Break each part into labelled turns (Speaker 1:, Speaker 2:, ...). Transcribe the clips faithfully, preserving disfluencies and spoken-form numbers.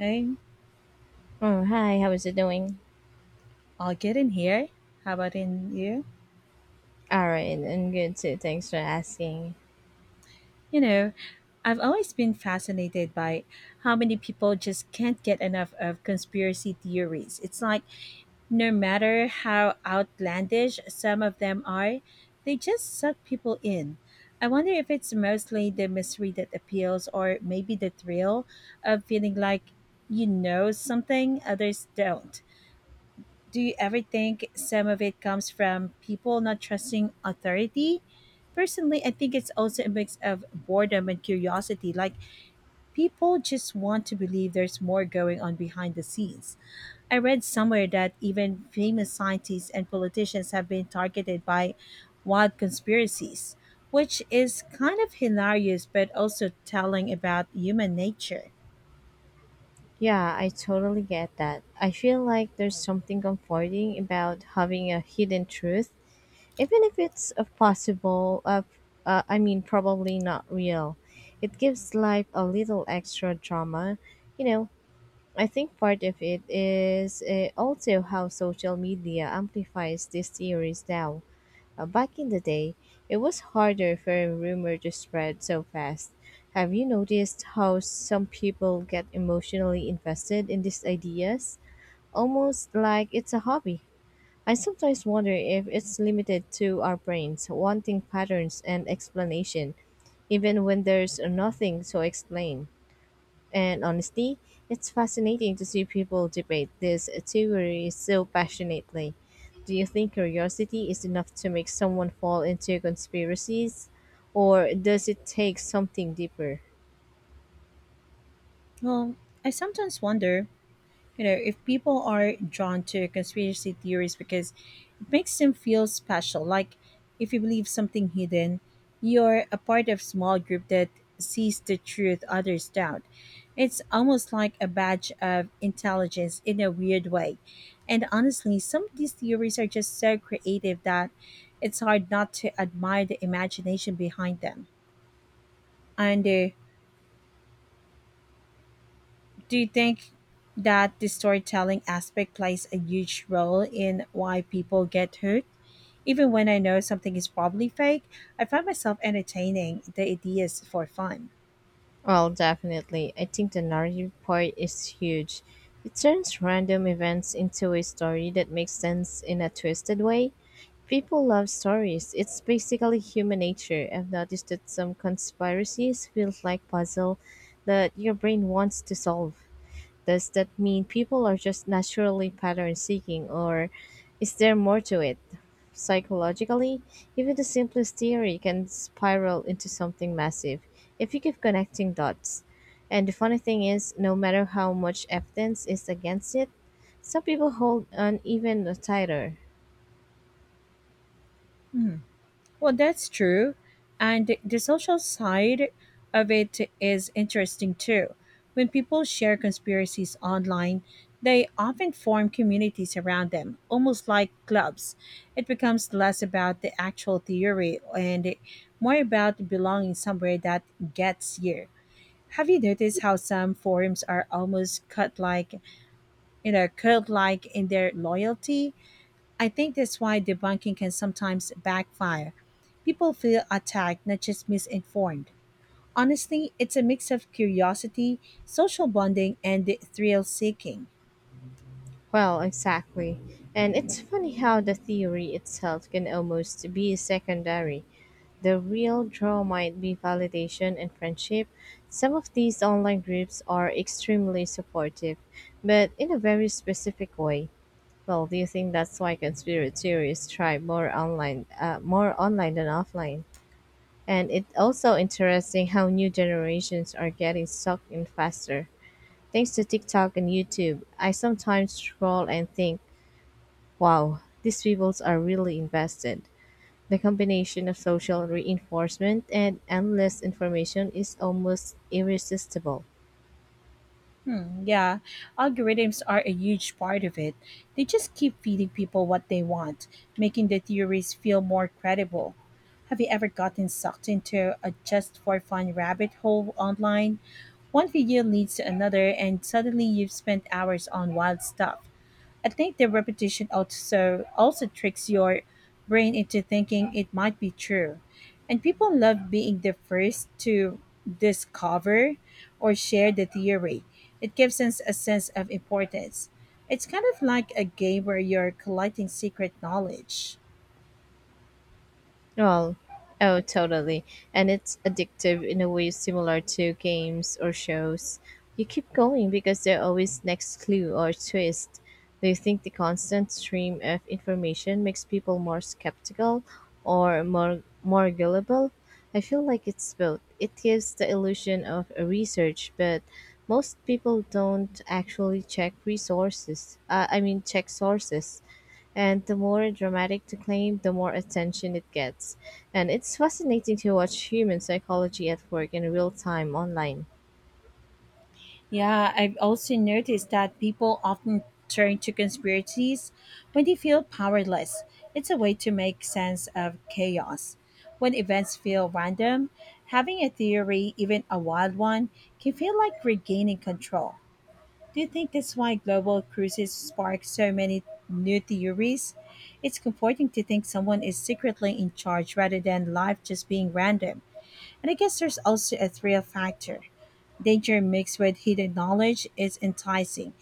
Speaker 1: Um,
Speaker 2: Oh, hi, how is it doing?
Speaker 1: I'll get in here. How about in you?
Speaker 2: All right, I'm good too. Thanks for asking.
Speaker 1: You know, I've always been fascinated by how many people just can't get enough of conspiracy theories. It's like no matter how outlandish some of them are, they just suck people in. I wonder if it's mostly the mystery that appeals or maybe the thrill of feeling like you know something others don't. Do you ever think some of it comes from people not trusting authority? Personally, I think it's also a mix of boredom and curiosity. Like, people just want to believe there's more going on behind the scenes. I read somewhere that even famous scientists and politicians have been targeted by wild conspiracies, which is kind of hilarious but also telling about human nature.
Speaker 2: Yeah, I totally get that. I feel like there's something comforting about having a hidden truth, even if it's a possible of uh, I mean probably not real. It gives life a little extra drama. You know, I think part of it is uh, also how social media amplifies these theories now. Uh, back in the day, it was harder for a rumor to spread so fast. Have you noticed how some people get emotionally invested in these ideas? Almost like it's a hobby. I sometimes wonder if it's limited to our brains, wanting patterns and explanation, even when there's nothing to explain and honesty. It's fascinating to see people debate this theory so passionately. Do you think curiosity is enough to make someone fall into conspiracies, or does it take something deeper?
Speaker 1: Well, I sometimes wonder you know if people are drawn to conspiracy theories because it makes them feel special, like if you believe something hidden you're a part of small group that sees the truth others doubt. It's almost like a badge of intelligence in a weird way, and honestly some of these theories are just so creative that it's hard not to admire the imagination behind them. And uh, Do you think that the storytelling aspect plays a huge role in why people get hooked? Even when I know something is probably fake, I find myself entertaining the ideas for fun.
Speaker 2: Well, definitely. I think the narrative part is huge. It turns random events into a story that makes sense in a twisted way. People love stories. It's basically human nature. I've noticed that some conspiracies feel like puzzle that your brain wants to solve. Does that mean people are just naturally pattern seeking, or is there more to it? Psychologically, even the simplest theory can spiral into something massive if you keep connecting dots. And the funny thing is, no matter how much evidence is against it, some people hold on even tighter.
Speaker 1: Well, that's true. And the the social side of it is interesting too. When people share conspiracies online, they often form communities around them, almost like clubs. It becomes less about the actual theory and more about belonging somewhere that gets you. Have you noticed how some forums are almost cut like, you know, cult like in their loyalty? I think that's why debunking can sometimes backfire. People feel attacked, not just misinformed. Honestly, it's a mix of curiosity, social bonding, and thrill seeking.
Speaker 2: Well, exactly. And it's funny how the theory itself can almost be secondary. The real draw might be validation and friendship. Some of these online groups are extremely supportive, but in a very specific way. Well, do you think that's why conspiracy theories thrive more online, uh, more online than offline? And it's also interesting how new generations are getting sucked in faster. Thanks to TikTok and YouTube, I sometimes scroll and think, wow, these people are really invested. The combination of social reinforcement and endless information is almost irresistible.
Speaker 1: Hmm, yeah, algorithms are a huge part of it. They just keep feeding people what they want, making the theories feel more credible. Have you ever gotten sucked into a just for fun rabbit hole online? One video leads to another, and suddenly you've spent hours on wild stuff. I think the repetition also also tricks your brain into thinking it might be true. And people love being the first to discover or share the theory. It gives us a sense of importance. It's kind of like a game where you're collecting secret knowledge.
Speaker 2: Well, oh, totally. And it's addictive in a way similar to games or shows. You keep going because there's always next clue or twist. Do you think the constant stream of information makes people more skeptical or more more gullible? I feel like it's both. It gives the illusion of a research, but most people don't actually check resources. Uh, I mean, check sources. And the more dramatic the claim, the more attention it gets. And it's fascinating to watch human psychology at work in real time online.
Speaker 1: Yeah, I've also noticed that people often turn to conspiracies when they feel powerless. It's a way to make sense of chaos. When events feel random, having a theory, even a wild one, can feel like regaining control. Do you think that's why global cruises spark so many new theories? It's comforting to think someone is secretly in charge rather than life just being random. And I guess there's also a thrill factor. Danger mixed with hidden knowledge is enticing.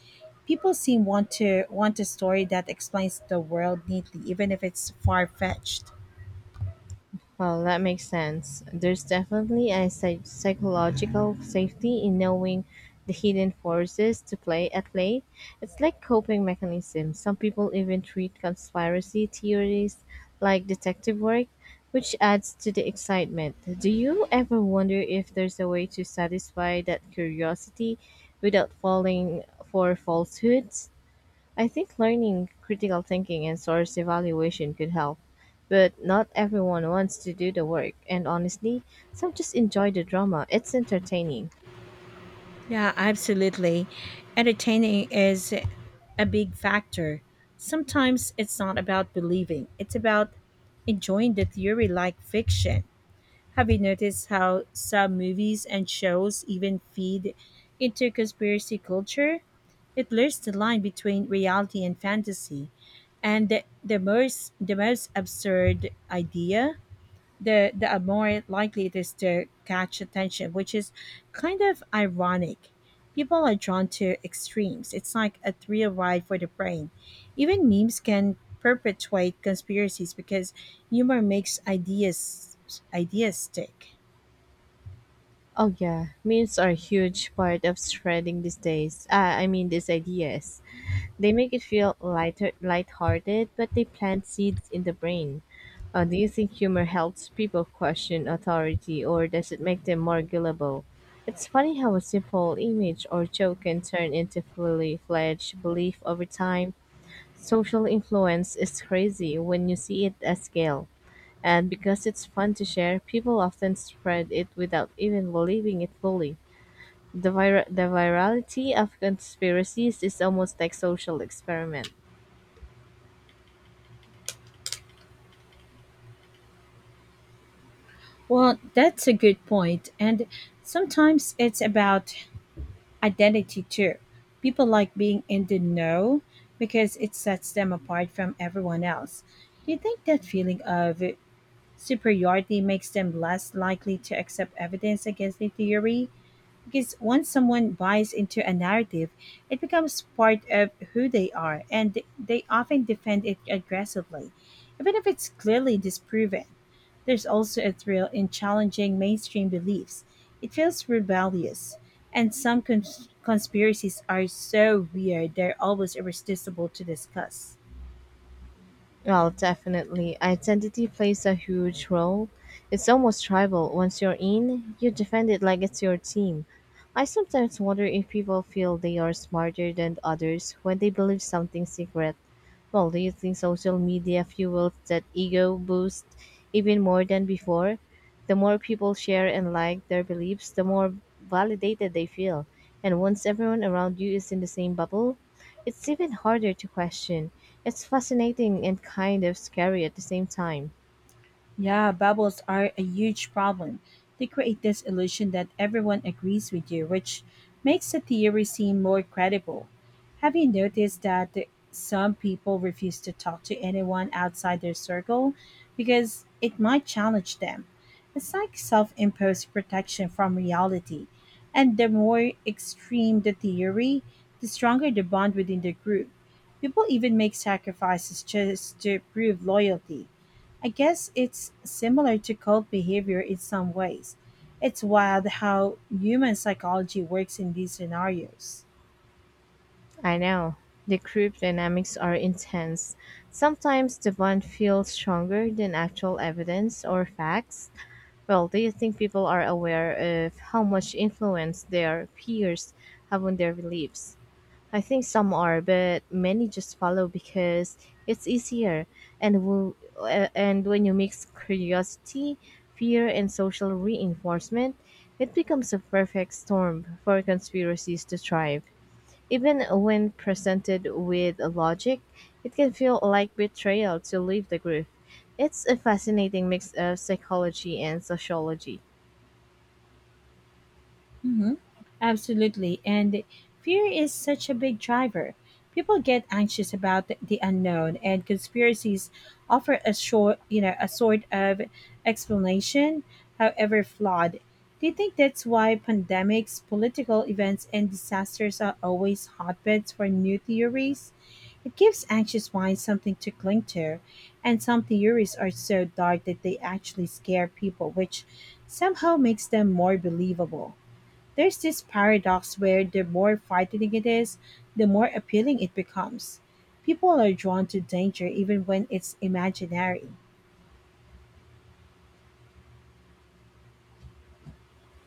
Speaker 1: People seem want to want a story that explains the world neatly, even if it's far fetched.
Speaker 2: Well, that makes sense. There's definitely a psych- psychological safety in knowing the hidden forces to play at play. It's like coping mechanisms. Some people even treat conspiracy theories like detective work, which adds to the excitement. Do you ever wonder if there's a way to satisfy that curiosity without falling for falsehoods? I think learning critical thinking and source evaluation could help, but not everyone wants to do the work, and honestly, some just enjoy the drama. It's entertaining.
Speaker 1: Yeah, absolutely. Entertaining is a big factor. Sometimes it's not about believing, it's about enjoying the theory like fiction. Have you noticed how some movies and shows even feed into conspiracy culture? It blurs the line between reality and fantasy, and the, the most the most absurd idea, the the uh, more likely it is to catch attention, which is kind of ironic. People are drawn to extremes. It's like a thrill ride for the brain. Even memes can perpetuate conspiracies because humor makes ideas ideas stick.
Speaker 2: Oh yeah, memes are a huge part of spreading these days. Ah, I mean these ideas. They make it feel lighter, lighthearted, but they plant seeds in the brain. Uh, do you think humor helps people question authority, or does it make them more gullible? It's funny how a simple image or joke can turn into fully fledged belief over time. Social influence is crazy when you see it at scale. And because it's fun to share, people often spread it without even believing it fully. The, vir- the virality of conspiracies is almost like social experiment.
Speaker 1: Well, that's a good point. And sometimes it's about identity too. People like being in the know because it sets them apart from everyone else. Do you think that feeling of superiority makes them less likely to accept evidence against a theory? Because once someone buys into a narrative, it becomes part of who they are and they often defend it aggressively, even if it's clearly disproven. There's also a thrill in challenging mainstream beliefs. It feels rebellious, and some cons- conspiracies are so weird they're almost irresistible to discuss.
Speaker 2: Well, definitely. Identity plays a huge role. It's almost tribal. Once you're in, you defend it like it's your team. I sometimes wonder if people feel they are smarter than others when they believe something secret. Well, do you think social media fuels that ego boost even more than before? The more people share and like their beliefs, the more validated they feel. And once everyone around you is in the same bubble, it's even harder to question. It's fascinating and kind of scary at the same time.
Speaker 1: Yeah, bubbles are a huge problem. They create this illusion that everyone agrees with you, which makes the theory seem more credible. Have you noticed that some people refuse to talk to anyone outside their circle because it might challenge them? It's like self imposed protection from reality. And the more extreme the theory, the stronger the bond within the group. People even make sacrifices just to prove loyalty. I guess it's similar to cult behavior in some ways. It's wild how human psychology works in these scenarios.
Speaker 2: I know. The group dynamics are intense. Sometimes the bond feels stronger than actual evidence or facts. Well, do you think people are aware of how much influence their peers have on their beliefs? I think some are, but many just follow because it's easier. And wo- uh, and when you mix curiosity, fear, and social reinforcement, it becomes a perfect storm for conspiracies to thrive. Even when presented with logic, it can feel like betrayal to leave the group. It's a fascinating mix of psychology and sociology.
Speaker 1: Hmm. Absolutely. And fear is such a big driver. People get anxious about th- the unknown, and conspiracies offer a short, you know, a sort of explanation, however flawed. Do you think that's why pandemics, political events, and disasters are always hotbeds for new theories? It gives anxious minds something to cling to, and some theories are so dark that they actually scare people, which somehow makes them more believable. There's this paradox where the more frightening it is, the more appealing it becomes. People are drawn to danger even when it's imaginary.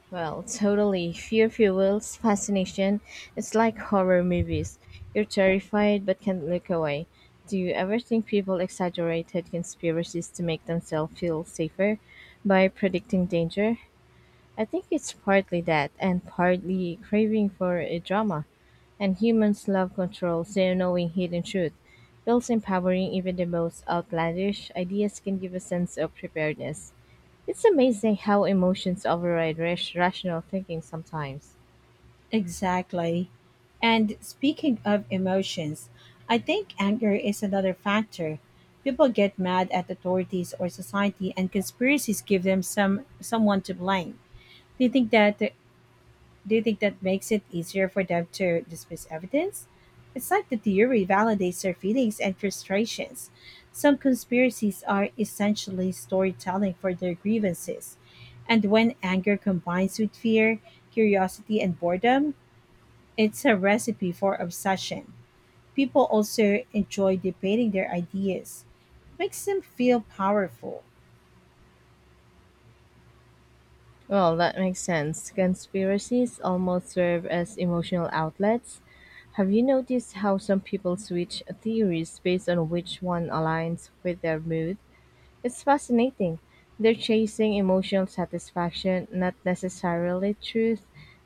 Speaker 2: Well, totally. Fear fuels fascination. It's like horror movies. You're terrified but can't look away. Do you ever think people exaggerated conspiracies to make themselves feel safer by predicting danger? I think it's partly that and partly craving for a drama. And humans love control, so knowing hidden truth feels empowering. Even the most outlandish ideas can give a sense of preparedness. It's amazing how emotions override rash- rational thinking sometimes.
Speaker 1: Exactly. And speaking of emotions, I think anger is another factor. People get mad at authorities or society and conspiracies give them some someone to blame. They think that. Do you think that makes it easier for them to dismiss evidence? It's like the theory validates their feelings and frustrations. Some conspiracies are essentially storytelling for their grievances. And when anger combines with fear, curiosity, and boredom, it's a recipe for obsession. People also enjoy debating their ideas, it makes them feel powerful.
Speaker 2: Well, that makes sense. Conspiracies almost serve as emotional outlets. Have you noticed how some people switch theories based on which one aligns with their mood? It's fascinating. They're chasing emotional satisfaction, not necessarily truth,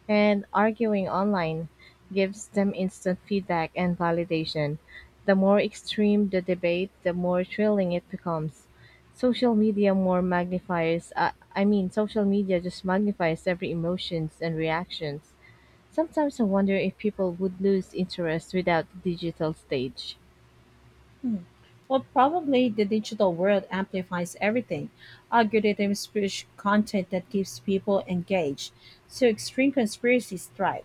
Speaker 2: and arguing online gives them instant feedback and validation. The more extreme the debate, the more thrilling it becomes. Social media more magnifies, uh, I mean, social media just magnifies every emotions and reactions. Sometimes I wonder if people would lose interest without the digital stage.
Speaker 1: Hmm. Well, probably the digital world amplifies everything. Algorithms push content that keeps people engaged, so extreme conspiracies thrive.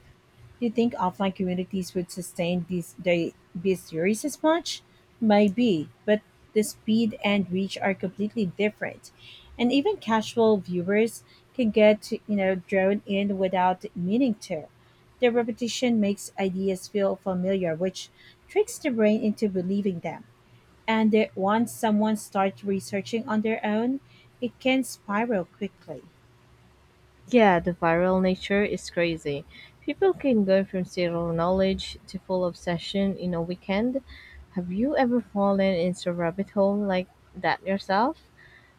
Speaker 1: Do you think offline communities would sustain these they, these theories as much? Maybe, but the speed and reach are completely different, and even casual viewers can get you know drawn in without meaning to. The repetition makes ideas feel familiar, which tricks the brain into believing them, and that once someone starts researching on their own, it can spiral quickly.
Speaker 2: Yeah, the viral nature is crazy. People can go from zero knowledge to full obsession in a weekend. Have you ever fallen into a rabbit hole like that yourself?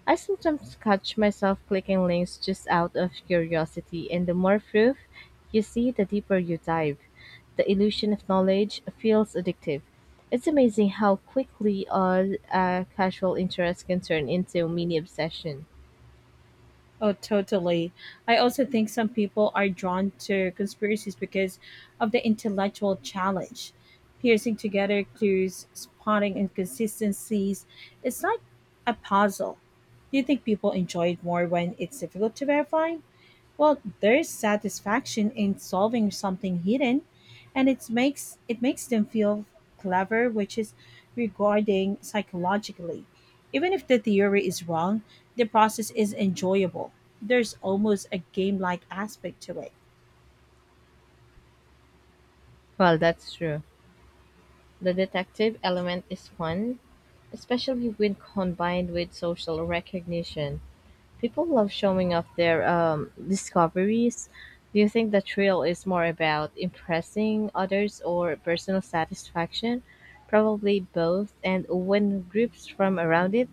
Speaker 2: I sometimes catch myself clicking links just out of curiosity, and the more proof you see, the deeper you dive. The illusion of knowledge feels addictive. It's amazing how quickly a, a casual interest can turn into a mini obsession.
Speaker 1: Oh, totally. I also think some people are drawn to conspiracies because of the intellectual challenge. Piecing together clues, spotting inconsistencies, it's like a puzzle. Do you think people enjoy it more when it's difficult to verify? Well, there's satisfaction in solving something hidden, and it makes it makes them feel clever, which is regarding psychologically. Even if the theory is wrong, the process is enjoyable. There's almost a game-like aspect to it.
Speaker 2: Well, that's true. The detective element is fun, especially when combined with social recognition. People love showing off their um, discoveries. Do you think the thrill is more about impressing others or personal satisfaction? Probably both, and when groups from around it,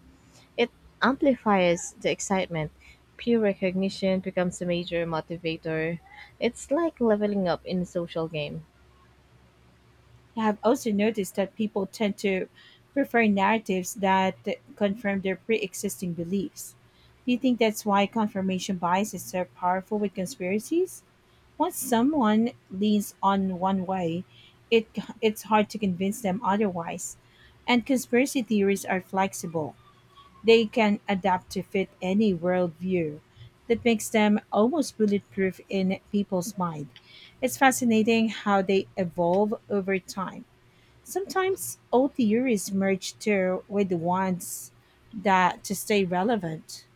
Speaker 2: it amplifies the excitement. Peer recognition becomes a major motivator. It's like leveling up in a social game.
Speaker 1: I have also noticed that people tend to prefer narratives that confirm their pre-existing beliefs. Do you think that's why confirmation bias is so powerful with conspiracies? Once someone leans on one way, it it's hard to convince them otherwise. And conspiracy theories are flexible. They can adapt to fit any worldview. That makes them almost bulletproof in people's mind. It's fascinating how they evolve over time. Sometimes old theories merge too with the ones that to stay relevant.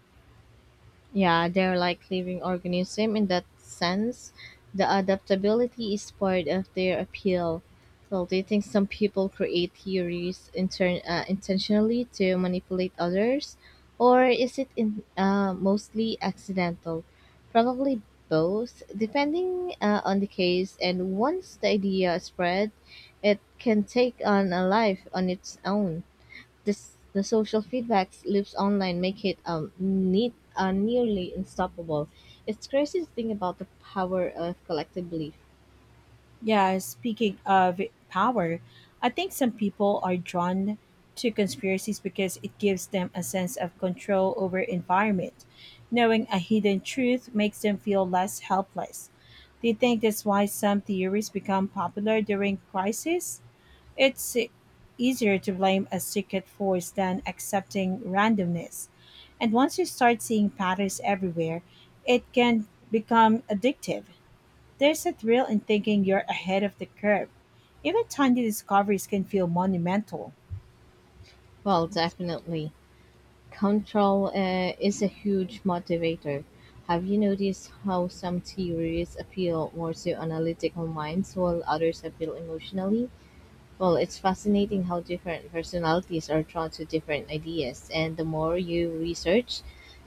Speaker 2: Yeah, they're like living organism in that sense. The adaptability is part of their appeal. Well, do you think some people create theories intern uh, intentionally to manipulate others, or is it in, uh, mostly accidental? Probably both, depending uh, on the case. And once the idea is spread, it can take on a life on its own. This, the social feedback loops online make it um neat, uh, nearly unstoppable. It's crazy to think about the power of collective belief.
Speaker 1: Yeah, speaking of power, I think some people are drawn to conspiracies because it gives them a sense of control over environment. Knowing a hidden truth makes them feel less helpless. Do you think that's why some theories become popular during crisis? It's easier to blame a secret force than accepting randomness. And once you start seeing patterns everywhere, it can become addictive. There's a thrill in thinking you're ahead of the curve. Even tiny discoveries can feel monumental.
Speaker 2: Well, definitely, control uh, is a huge motivator. Have you noticed how some theories appeal more to analytical minds while others appeal emotionally? Well, it's fascinating how different personalities are drawn to different ideas, and the more you research,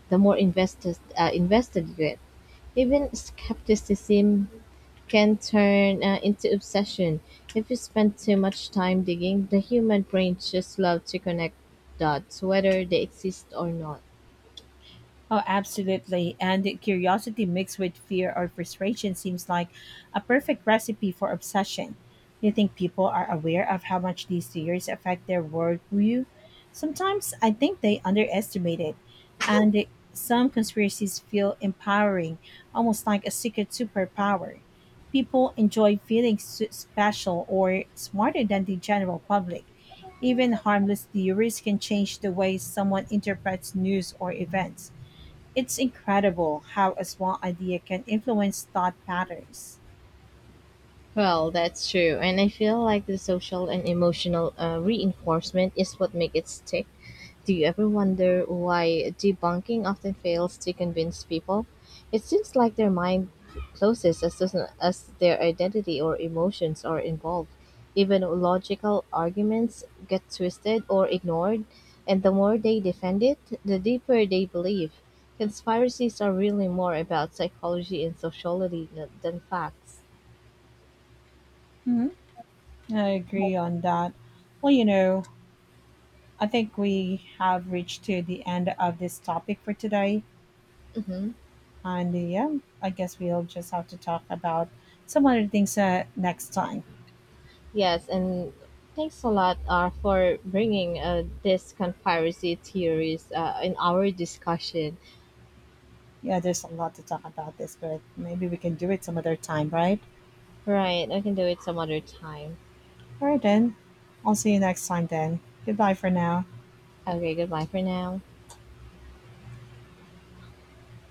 Speaker 2: the more invested uh, invested you get. Even skepticism can turn uh, into obsession if you spend too much time digging. The human brain just loves to connect dots, whether they exist or not.
Speaker 1: Oh, absolutely. And curiosity mixed with fear or frustration seems like a perfect recipe for obsession. Do you think people are aware of how much these fears affect their worldview? Sometimes I think they underestimate it. And it- some conspiracies feel empowering, almost like a secret superpower. People enjoy feeling su- special or smarter than the general public. Even harmless theories can change the way someone interprets news or events. It's incredible how a small idea can influence thought patterns.
Speaker 2: Well, that's true, and I feel like the social and emotional uh, reinforcement is what makes it stick. Do you ever wonder why debunking often fails to convince people? It seems like their mind closes as soon as their identity or emotions are involved. Even logical arguments get twisted or ignored, and the more they defend it, the deeper they believe. Conspiracies are really more about psychology and sociology than than facts.
Speaker 1: Hmm, I agree on that. Well, you know, I think we have reached to the end of this topic for today.
Speaker 2: Mhm.
Speaker 1: And uh, yeah, I guess we'll just have to talk about some other things uh, next time.
Speaker 2: Yes, and thanks a lot uh, for bringing uh, this conspiracy theories uh, in our discussion.
Speaker 1: Yeah, there's a lot to talk about this, but maybe we can do it some other time, right?
Speaker 2: Right, I can do it some other time.
Speaker 1: All right, then. I'll see you next time then. Goodbye for now.
Speaker 2: Okay, goodbye for now.